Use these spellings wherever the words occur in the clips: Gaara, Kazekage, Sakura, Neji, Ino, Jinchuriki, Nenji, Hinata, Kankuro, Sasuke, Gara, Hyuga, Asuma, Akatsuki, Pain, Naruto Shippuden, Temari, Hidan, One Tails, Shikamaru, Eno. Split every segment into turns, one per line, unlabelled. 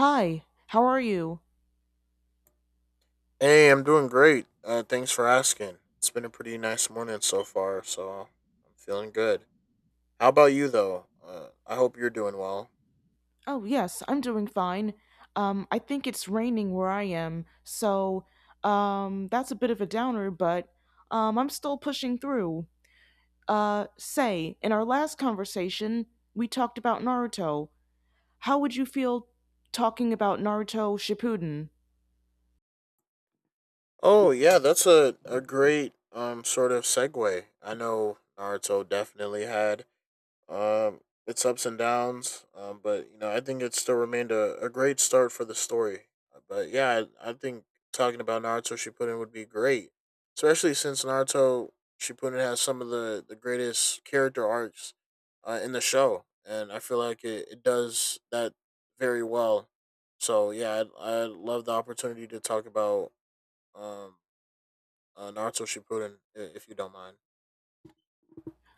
Hi, how are you?
Hey, I'm doing great. Thanks for asking. It's been a pretty nice morning so far, so I'm feeling good. How about you, though? I hope you're doing well.
Oh, yes, I'm doing fine. I think it's raining where I am, so that's a bit of a downer, but I'm still pushing through. Say, in our last conversation, we talked about Naruto. How would you feel talking about Naruto Shippuden?
Oh, yeah, that's a great sort of segue. I know Naruto definitely had Um, it's ups and downs, but I think it still remained a great start for the story. But yeah, I think talking about Naruto Shippuden would be great, especially since Naruto Shippuden has some of the greatest character arcs in the show, and I feel like it does that very well. So yeah, I'd love the opportunity to talk about um, Naruto Shippuden if you don't mind.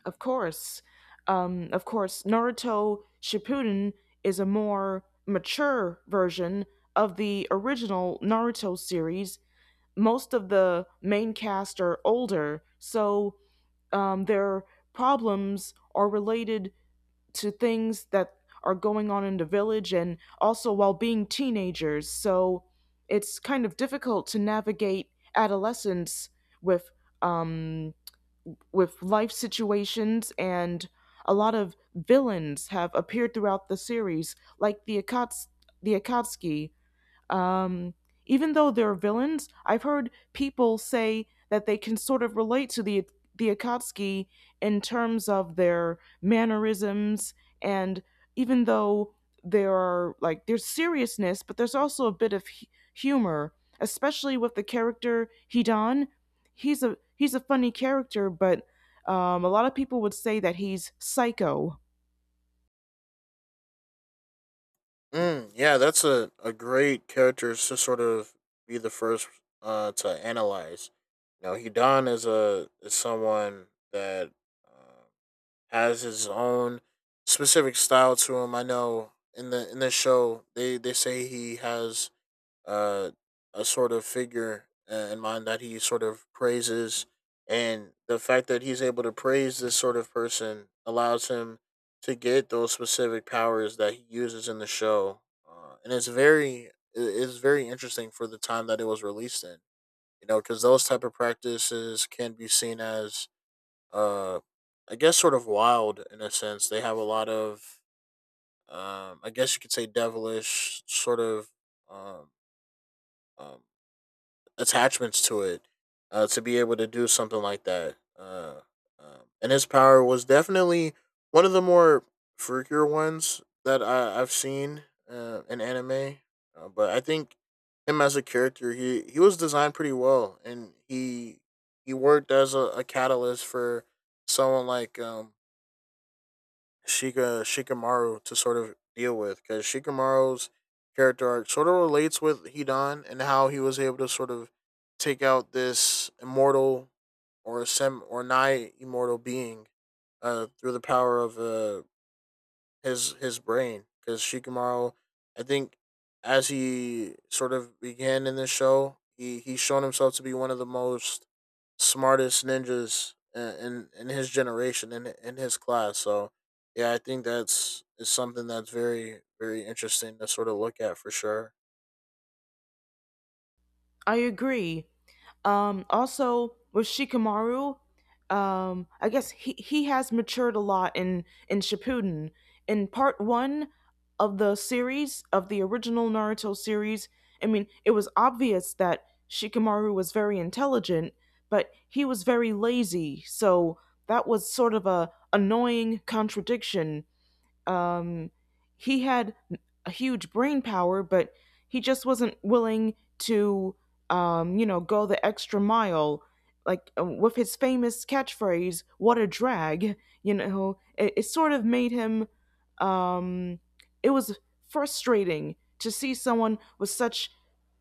Of course, of course, Naruto Shippuden is a more mature version of the original Naruto series. Most of the main cast are older, so their problems are related to things that are going on in the village and also while being teenagers. So it's kind of difficult to navigate adolescence with um, with life situations, and a lot of villains have appeared throughout the series, like the Akatsuki. um, Even though they're villains, I've heard people say that they can sort of relate to the Akatsuki in terms of their mannerisms, and even though there are like there's seriousness, but there's also a bit of humor, especially with the character Hidan. He's a funny character, but a lot of people would say that he's psycho.
Mm, yeah, that's a great character to sort of be the first to analyze. You know, Hidan is a is someone that uh, has his own specific style to him. I know in the show they say he has uh, a sort of figure in mind that he sort of praises, and the fact that he's able to praise this sort of person allows him to get those specific powers that he uses in the show, and it's very it's very interesting for the time that it was released in. You know, because those type of practices can be seen as uh, I guess sort of wild in a sense. They have a lot of I guess you could say devilish sort of um, um, attachments to it to be able to do something like that. And his power was definitely one of the more freakier ones that I've seen in anime. But I think him as a character, he was designed pretty well, and he worked as a catalyst for someone like Shikamaru to sort of deal with because Shikamaru's character arc sort of relates with Hidan and how he was able to sort of take out this immortal or nigh immortal being through the power of his brain because Shikamaru, I think, as he sort of began in this show, he's shown himself to be one of the most smartest ninjas in his generation in his class. So yeah, I think that's is something that's very interesting to sort of look at for sure.
I agree. Also with Shikamaru, I guess he has matured a lot in Shippuden. In part one of the series, of the original Naruto series, I mean, it was obvious that Shikamaru was very intelligent, but he was very lazy. So that was sort of a annoying contradiction. um, he had a huge brain power, but he just wasn't willing to, you know, go the extra mile. Like, with his famous catchphrase, "What a drag!" You know, it sort of made him. Um, it was frustrating to see someone with such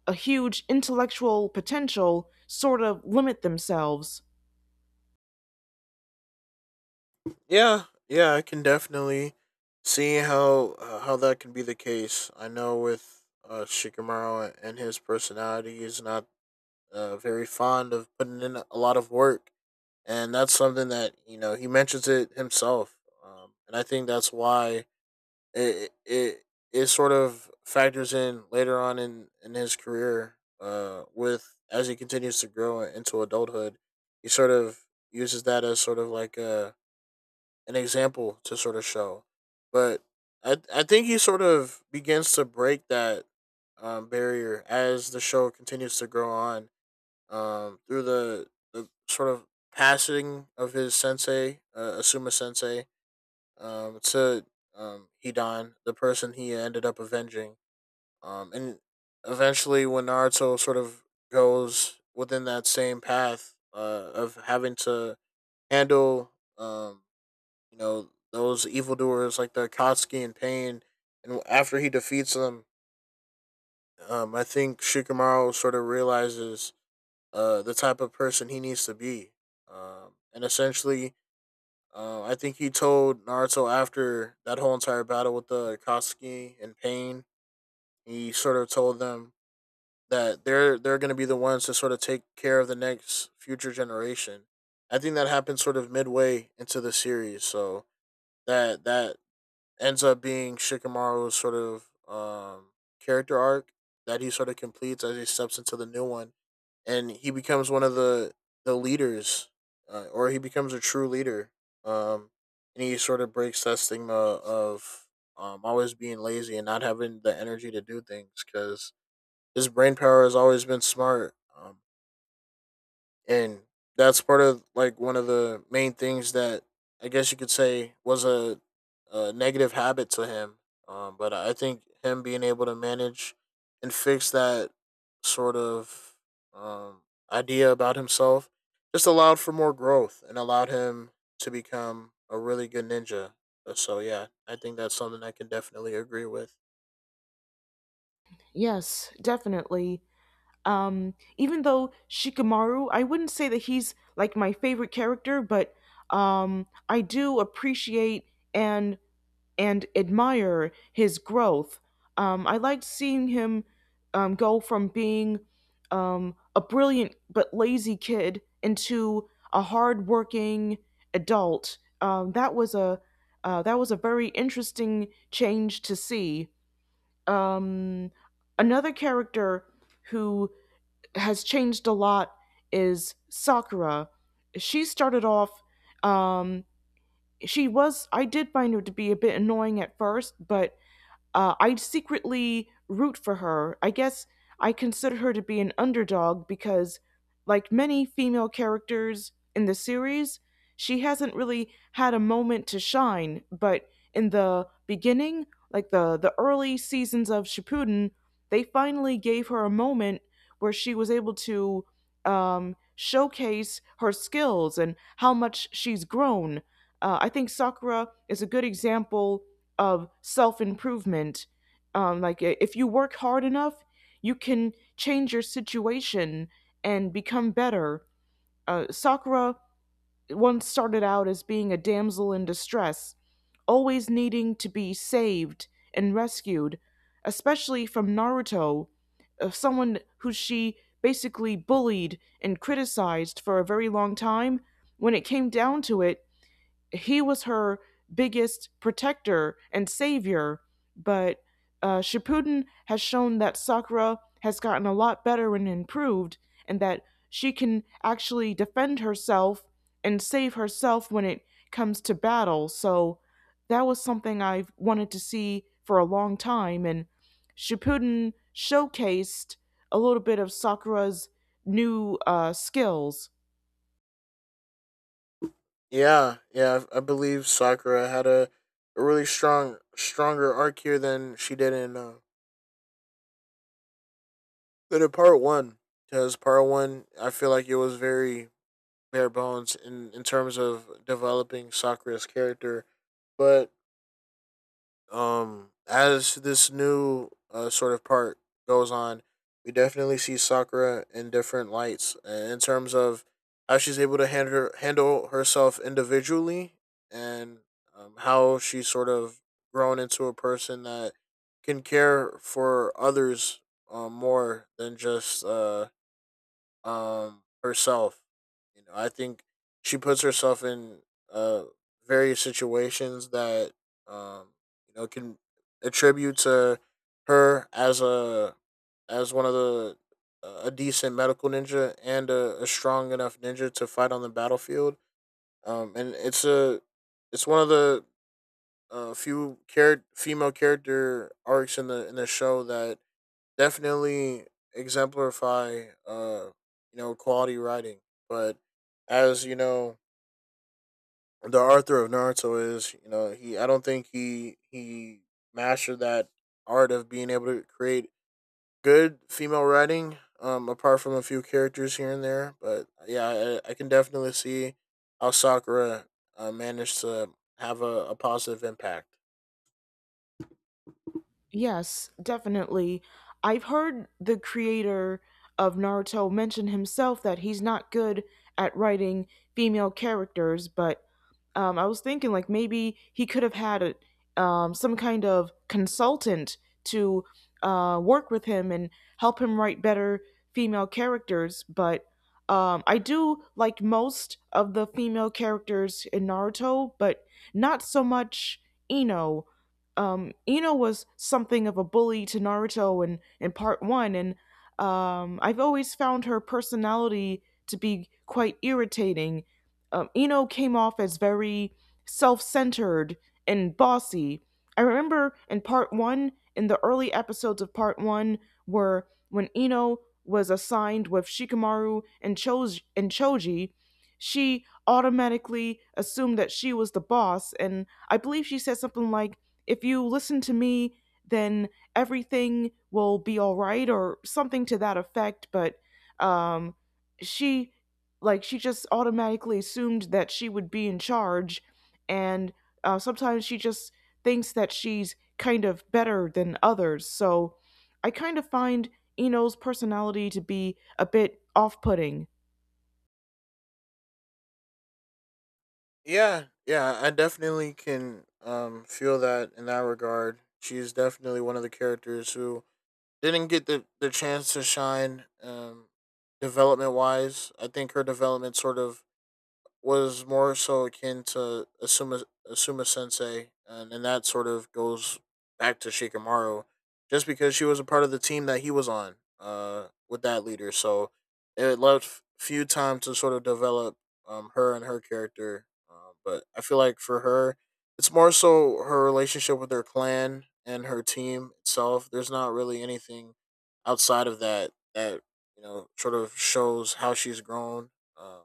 a huge intellectual potential sort of limit themselves.
Yeah, yeah, I can definitely see how that can be the case. I know with Shikamaru and his personality, he's not very fond of putting in a lot of work, and that's something that he mentions it himself, and I think that's why it, it it sort of factors in later on in his career, with as he continues to grow into adulthood, he sort of uses that as sort of like a an example to sort of show, but I think he sort of begins to break that barrier as the show continues to grow on through the sort of passing of his sensei, Asuma sensei, to Hidan, the person he ended up avenging. And eventually, when Naruto sort of goes within that same path of having to handle, um, those evildoers like the Akatsuki and Pain, and after he defeats them, I think Shikamaru sort of realizes the type of person he needs to be. And essentially, I think he told Naruto after that whole entire battle with the Akatsuki and Pain, he sort of told them that they're going to be the ones to sort of take care of the next future generation. I think that happened sort of midway into the series, so that ends up being Shikamaru's sort of character arc that he sort of completes as he steps into the new one and he becomes one of the leaders, or he becomes a true leader. Um, and he sort of breaks that stigma of always being lazy and not having the energy to do things because his brain power has always been smart. And that's part of like one of the main things that I guess you could say was a negative habit to him. But I think him being able to manage and fix that sort of um, idea about himself just allowed for more growth and allowed him to become a really good ninja. So yeah, I think that's something I can definitely agree with.
Yes, definitely. Even though Shikamaru, I wouldn't say that he's like my favorite character, but I do appreciate and and admire his growth. I liked seeing him go from being a brilliant but lazy kid into a hardworking adult. That was a that was a very interesting change to see. Um, Another character who has changed a lot is Sakura. She started off, um, I did find her to be a bit annoying at first, but I secretly root for her. I guess I consider her to be an underdog because, like many female characters in the series, she hasn't really had a moment to shine. But in the beginning, like the early seasons of Shippuden, they finally gave her a moment where she was able to showcase her skills and how much she's grown. I think Sakura is a good example of self improvement. Like if you work hard enough, you can change your situation and become better. Sakura once started out as being a damsel in distress, always needing to be saved and rescued, especially from Naruto, someone who she basically bullied and criticized for a very long time. When it came down to it, he was her biggest protector and savior, but Shippuden has shown that Sakura has gotten a lot better and improved, and that she can actually defend herself and save herself when it comes to battle. So that was something I've wanted to see for a long time, and Shippuden showcased a little bit of Sakura's new skills.
Yeah, yeah, I believe Sakura had a really stronger arc here than she did in But in part one, because part one, I feel like it was very bare bones in terms of developing Sakura's character. But as this new sort of part goes on, we definitely see Sakura in different lights in terms of how she's able to handle herself individually and how she's sort of grown into a person that can care for others more than just herself. You know, I think she puts herself in uh various situations that um can attribute to her as a as one of the a decent medical ninja and a strong enough ninja to fight on the battlefield. And it's a it's one of the few female character arcs in the show that definitely exemplify quality writing but as you know the Arthur of Naruto is he I don't think he mastered that art of being able to create good female writing apart from a few characters here and there but yeah I can definitely see how Sakura managed to have a positive impact.
Yes, definitely. I've heard the creator of Naruto mention himself that he's not good at writing female characters, but I was thinking like maybe he could have had some kind of consultant to work with him and help him write better female characters. But I do like most of the female characters in Naruto, but not so much Ino. Ino was something of a bully to Naruto in part one, and I've always found her personality to be quite irritating. Ino came off as very self centered and bossy. I remember in part one, in the early episodes of part one, where when Ino was assigned with Shikamaru Choji, and Choji, she automatically assumed that she was the boss, and I believe she said something like, if you listen to me, then everything will be all right, or something to that effect. But um, she, like, she just automatically assumed that she would be in charge, and sometimes she just thinks that she's kind of better than others. So I kind of find Eno's personality to be a bit off putting.
Yeah, yeah, I definitely can feel that in that regard. She's definitely one of the characters who didn't get the chance to shine development wise. I think her development sort of was more so akin to Asuma Sensei, and that sort of goes back to Shikamaru, just because she was a part of the team that he was on with that leader. So it left few time to sort of develop her and her character. But I feel like for her, it's more so her relationship with her clan and her team itself. There's not really anything outside of that that sort of shows how she's grown. Um,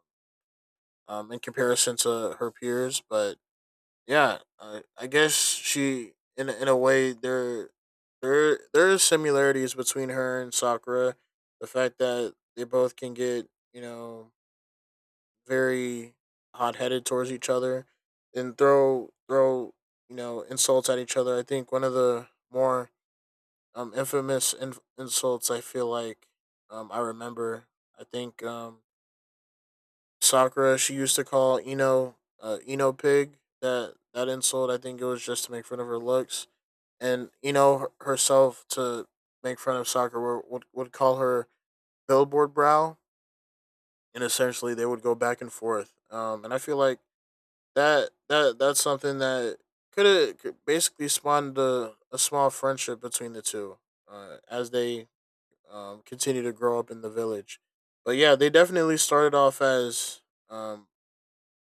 in comparison to her peers. But yeah, I guess she in a way there are similarities between her and Sakura. The fact that they both can get very hot headed towards each other and throw insults at each other. I think one of the more infamous insults I feel like I remember. I think Sakura, she used to call Eno, Eno Pig. That insult, I think it was just to make fun of her looks, and Eno herself to make fun of Sakura would call her Billboard Brow, and essentially they would go back and forth. And I feel like that's something that could have basically spawned a small friendship between the two as they continue to grow up in the village. But yeah, they definitely started off as um,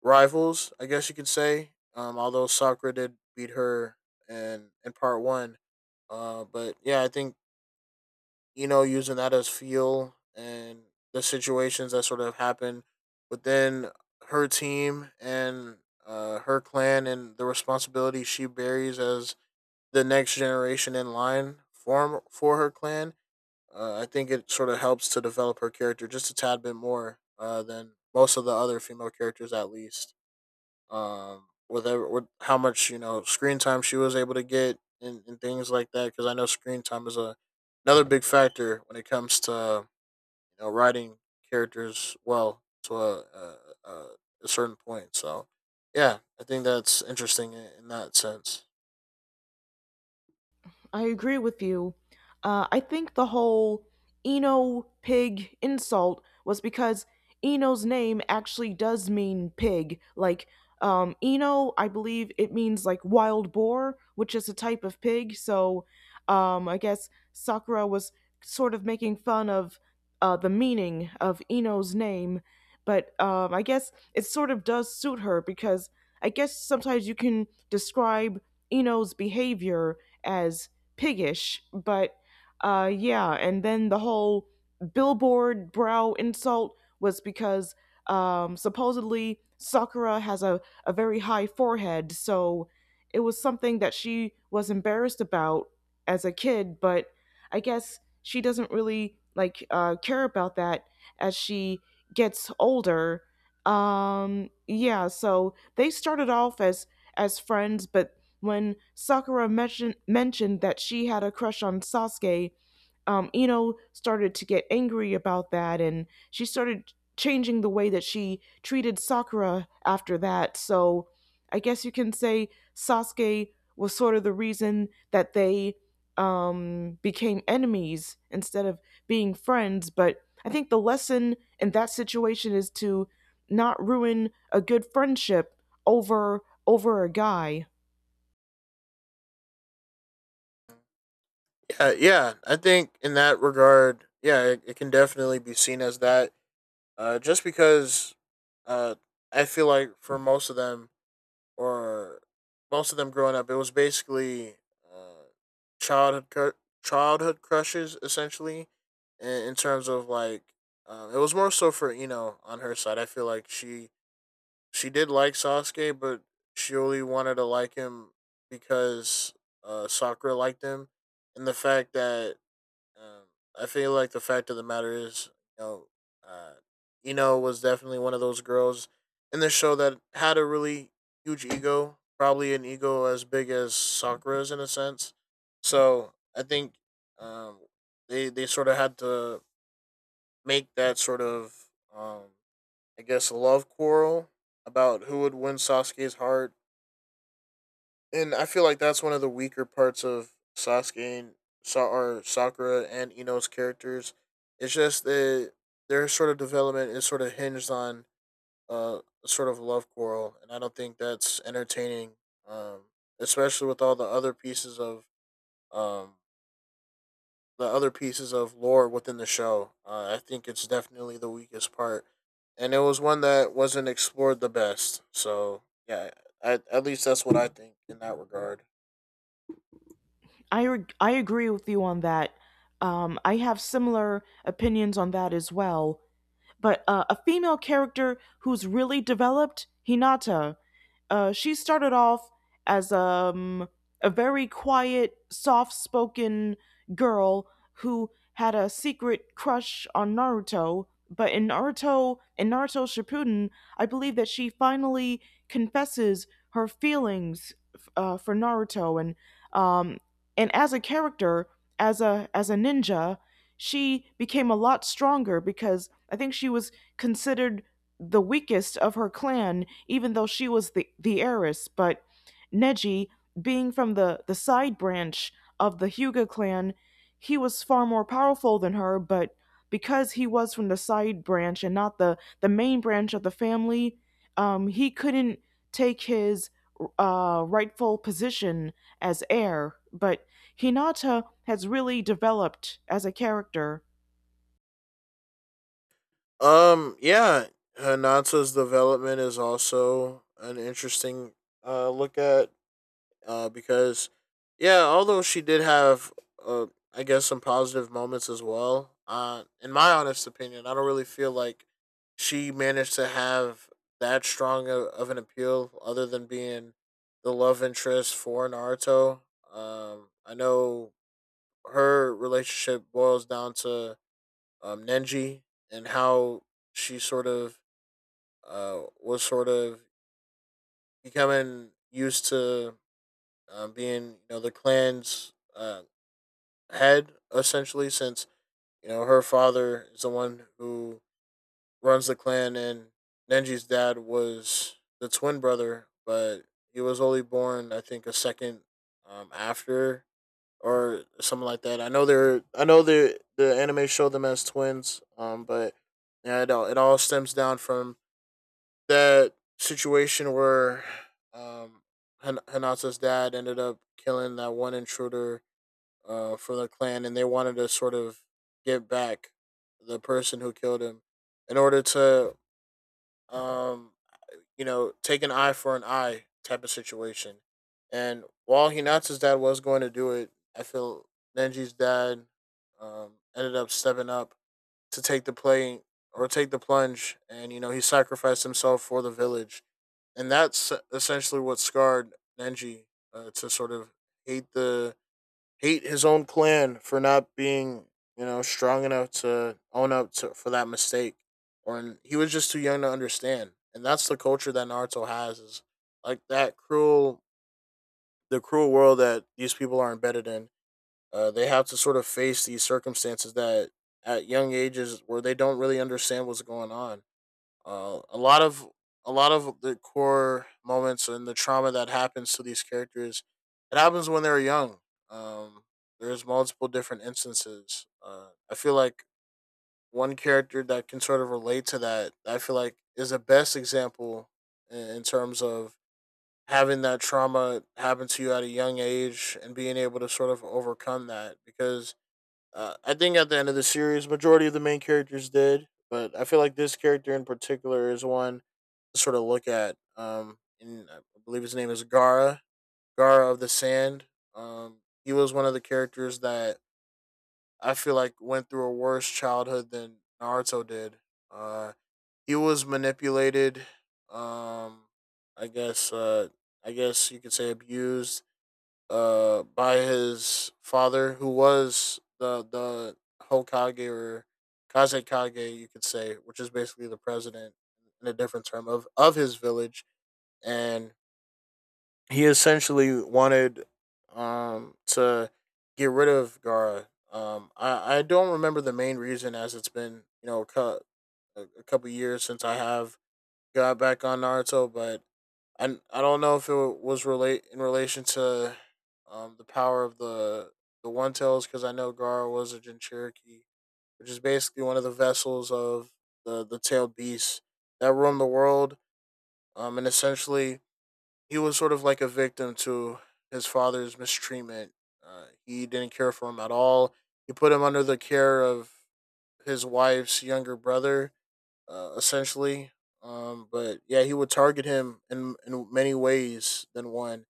rivals, I guess you could say. Although Sakura did beat her in part one, but yeah, I think using that as fuel and the situations that sort of happen within her team and her clan and the responsibility she bears as the next generation in line form for her clan. I think it sort of helps to develop her character just a tad bit more than most of the other female characters, at least whatever. What How much screen time she was able to get and things like that. Because I know screen time is a another big factor when it comes to writing characters well to a, a, a certain point. So yeah, I think that's interesting in that sense.
I agree with you. I think the whole Eno pig insult was because Eno's name actually does mean pig. Like, Eno, I believe it means like wild boar, which is a type of pig. So, I guess Sakura was sort of making fun of the meaning of Eno's name. But I guess it sort of does suit her because I guess sometimes you can describe Eno's behavior as piggish, but yeah. And then the whole billboard brow insult was because supposedly Sakura has a very high forehead, so it was something that she was embarrassed about as a kid, but I guess she doesn't really like care about that as she gets older. Yeah, so they started off as friends, but when Sakura mentioned that she had a crush on Sasuke, Ino started to get angry about that, and she started changing the way that she treated Sakura after that. So I guess you can say Sasuke was sort of the reason that they became enemies instead of being friends. But I think the lesson in that situation is to not ruin a good friendship over a guy.
Yeah, yeah, I think in that regard, yeah, it can definitely be seen as that. Just because, uh, I feel like for most of them, or most of them growing up, it was basically uh, childhood cr- childhood crushes essentially. In terms of like, it was more so for Ino on her side. I feel like she did like Sasuke, but she only wanted to like him because Sakura liked him, and the fact that um, I feel like the fact of the matter is, you know, uh, Eno was definitely one of those girls in the show that had a really huge ego, probably an ego as big as Sakura's in a sense. So I think um, they sort of had to make that sort of, um, I guess, love quarrel about who would win Sasuke's heart, and I feel like that's one of the weaker parts of Sasuke and Sa- or Sakura and Ino's characters. It's just that their sort of development is sort of hinged on a sort of love quarrel, and I don't think that's entertaining, um, especially with all the other pieces of um, the other pieces of lore within the show. I think it's definitely the weakest part, and it was one that wasn't explored the best. So yeah, I, at least that's what I think in that regard.
I agree with you on that. I have similar opinions on that as well, but a female character who's really developed, Hinata. She started off as a very quiet, soft spoken girl who had a secret crush on Naruto. But in Naruto Shippuden, I believe that she finally confesses her feelings for Naruto, um, and as a character, as a ninja, she became a lot stronger because I think she was considered the weakest of her clan, even though she was the heiress. But Neji, being from the side branch of the Hyuga clan, he was far more powerful than her, but because he was from the side branch and not the main branch of the family, he couldn't take his rightful position as heir. But Hinata has really developed as a character.
Yeah, Hanata's development is also an interesting look at because yeah, although she did have uh I guess some positive moments as well. Uh, in my honest opinion, I don't really feel like she managed to have that strong of an appeal other than being the love interest for Naruto. I know her relationship boils down to Nenji, and how she sort of was sort of becoming used to being, you know, the clan's head essentially, since, you know, her father is the one who runs the clan, and Nenji's dad was the twin brother, but he was only born, I think, a second after, or something like that. I know they're I know the anime showed them as twins, but yeah, it all stems down from that situation where um Hanata's dad ended up killing that one intruder for the clan, and they wanted to sort of get back the person who killed him in order to um you know, take an eye for an eye type of situation. And while Hinata's dad was going to do it, I feel Nenji's dad ended up stepping up to take the plunge, and, you know, he sacrificed himself for the village, and that's essentially what scarred Nenji, to sort of hate the hate his own clan for not being, you know, strong enough to own up to for that mistake, or he was just too young to understand. And that's the culture that Naruto has, is like that cruel the cruel world that these people are embedded in. Uh, they have to sort of face these circumstances that at young ages where they don't really understand what's going on. Uh, a lot of a lot of the core moments and the trauma that happens to these characters, it happens when they're young. Um, there's multiple different instances. I feel like one character that can sort of relate to that, I feel like, is the best example in terms of having that trauma happen to you at a young age and being able to sort of overcome that, because I think at the end of the series, majority of the main characters did, but I feel like this character in particular is one to sort of look at. And I believe his name is Gara, Gara of the Sand. Um, he was one of the characters that I feel like went through a worse childhood than Naruto did. Uh, he was manipulated. Um, I guess. I guess you could say abused by his father, who was the Hokage, or Kazekage you could say, which is basically the president, in a different term, of his village. And he essentially wanted to get rid of Gara. I don't remember the main reason, as it's been, you know, cut a couple years since I have got back on Naruto. But I don't know if it was relate in relation to the power of the One Tails, because I know Gara was a Jinchuriki, which is basically one of the vessels of the tailed beasts that roam the world. And essentially, he was sort of like a victim to his father's mistreatment. He didn't care for him at all. He put him under the care of his wife's younger brother, essentially. But yeah, he would target him in many ways than one.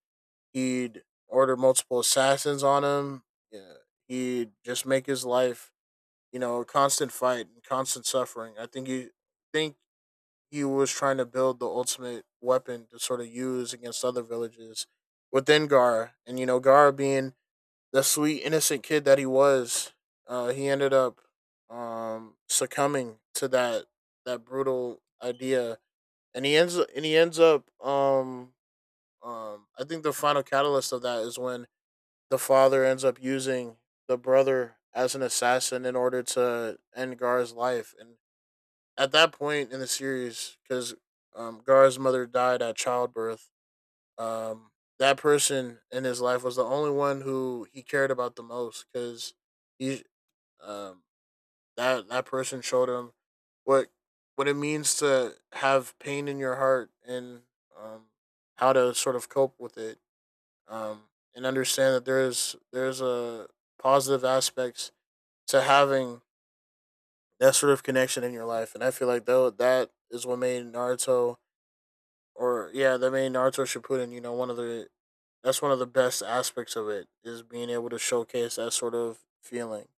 He'd order multiple assassins on him. Yeah, he'd just make his life, you know, a constant fight and constant suffering. I think he was trying to build the ultimate weapon to sort of use against other villages within Gar, and, you know, Gar being the sweet innocent kid that he was, he ended up succumbing to that brutal idea, and he ends up. I think the final catalyst of that is when the father ends up using the brother as an assassin in order to end Gar's life. And at that point in the series, because Gar's mother died at childbirth, um, that person in his life was the only one who he cared about the most, because he um, that person showed him what what it means to have pain in your heart, and um, how to sort of cope with it, um, and understand that there's a positive aspects to having that sort of connection in your life. And I feel like, though, that is what made Naruto, or yeah, the main Naruto Shippuden, you know, one of the that's one of the best aspects of it is being able to showcase that sort of feeling.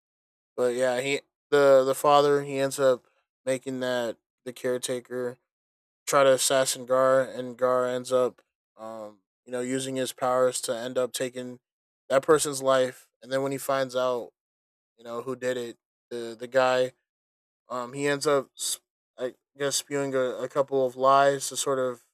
But yeah, he the father, he ends up making that the caretaker try to assassin Gar, and Gar ends up, you know, using his powers to end up taking that person's life. And then when he finds out, you know, who did it, the guy, he ends up I guess spewing a couple of lies to sort of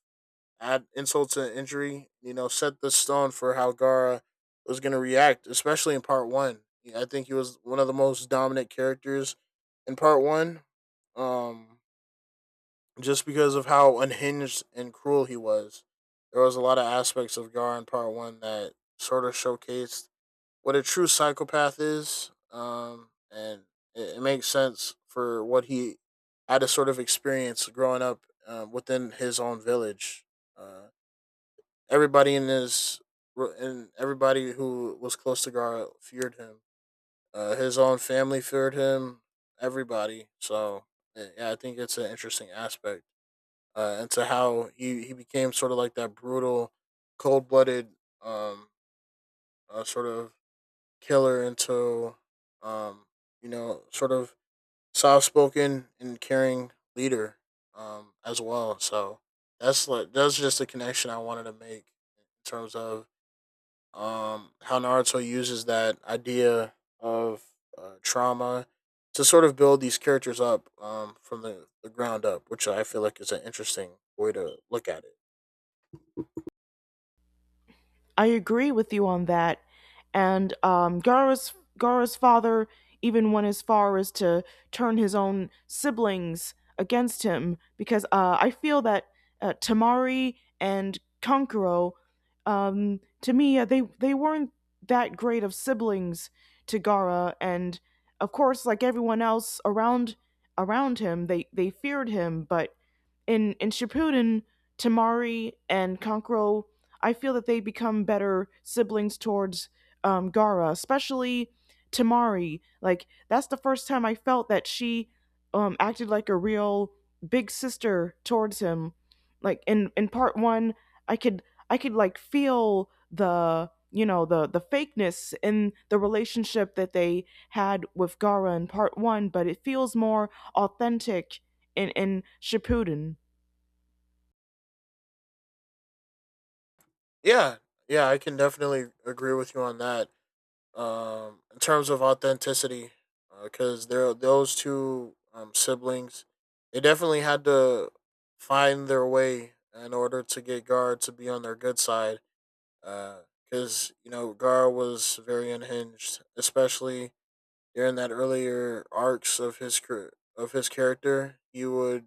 add insult to injury, you know, set the stone for how Gara was going to react, especially in part one. Yeah, I think he was one of the most dominant characters in part one, um, just because of how unhinged and cruel he was. There was a lot of aspects of Gara in part one that sort of showcased what a true psychopath is, and it makes sense for what he had to sort of experience growing up, within his own village. Uh, everybody in his and everybody who was close to Gar feared him. His own family feared him. Everybody. So yeah, I think it's an interesting aspect, into how he became sort of like that brutal, cold blooded, um sort of killer, into um you know, sort of soft spoken and caring leader, as well. So that's like that's just a connection I wanted to make in terms of how Naruto uses that idea of trauma to sort of build these characters up, from the ground up, which I feel like is an interesting way to look at it.
I agree with you on that. And Gara's father even went as far as to turn his own siblings against him because I feel that Tamari and Konkuro, to me, they weren't that great of siblings to Gara, and of course, like everyone else around him, they feared him. But in Shippuden, Tamari and Konkuro, I feel that they become better siblings towards Gara, especially Tamari. Like that's the first time I felt that she acted like a real big sister towards him. Like in part one, I could like feel the, you know, the fakeness in the relationship that they had with Gara in part one, but it feels more authentic in Shippuden.
Yeah, yeah, I can definitely agree with you on that. In terms of authenticity, because there those two siblings, they definitely had to find their way in order to get guard to be on their good side, because, you know, Gar was very unhinged, especially during that earlier arcs of his career, of his character.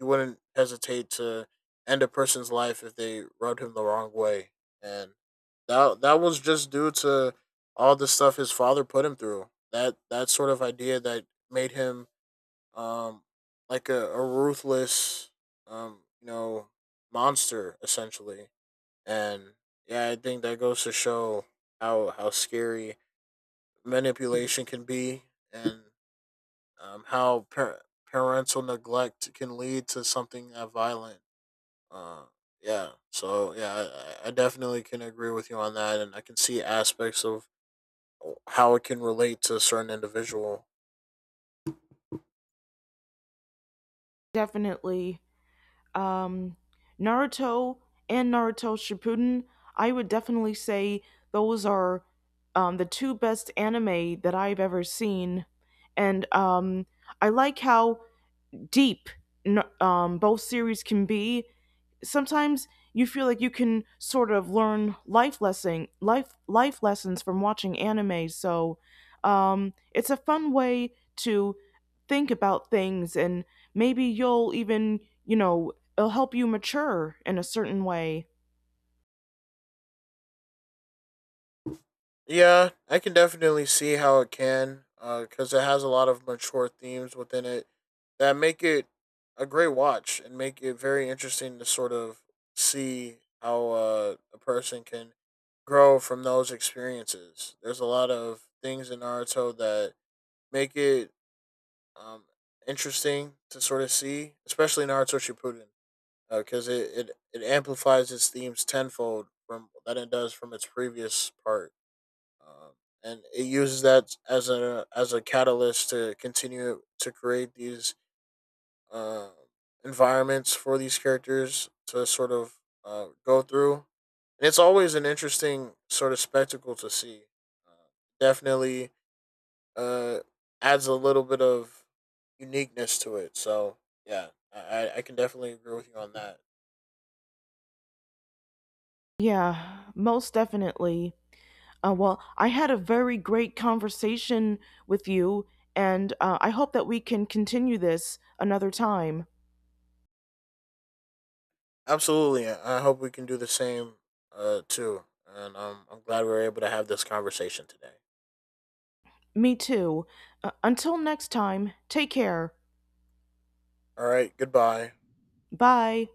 You wouldn't hesitate to end a person's life if they rubbed him the wrong way, and that was just due to all the stuff his father put him through. That sort of idea that made him um like a ruthless you know, monster essentially. And yeah, I think that goes to show how scary manipulation can be, and how parental neglect can lead to something that violent. Uh, yeah. So yeah, I definitely can agree with you on that, and I can see aspects of how it can relate to a certain individual.
Definitely. um, Naruto and Naruto Shippuden, I would definitely say those are the two best anime that I've ever seen. And I like how deep both series can be. Sometimes you feel like you can sort of learn life life lessons from watching anime, so it's a fun way to think about things, and maybe you'll even, you know, it'll help you mature in a certain way.
Yeah, I can definitely see how it can, because it has a lot of mature themes within it that make it a great watch and make it very interesting to sort of see how a person can grow from those experiences. There's a lot of things in Naruto that make it um, interesting to sort of see, especially Naruto Shippuden, because it amplifies its themes tenfold from than it does from its previous part, um, and it uses that as a catalyst to continue to create these uh environments for these characters to sort of go through. And it's always an interesting sort of spectacle to see. Uh, definitely uh, adds a little bit of uniqueness to it. So yeah, I, I can definitely agree with you on that.
Yeah, most definitely. Well, I had a very great conversation with you, and I hope that we can continue this another time.
Absolutely. I hope we can do the same, too. And I'm glad we were able to have this conversation today.
Me too. Until next time, take care.
All right. Goodbye.
Bye.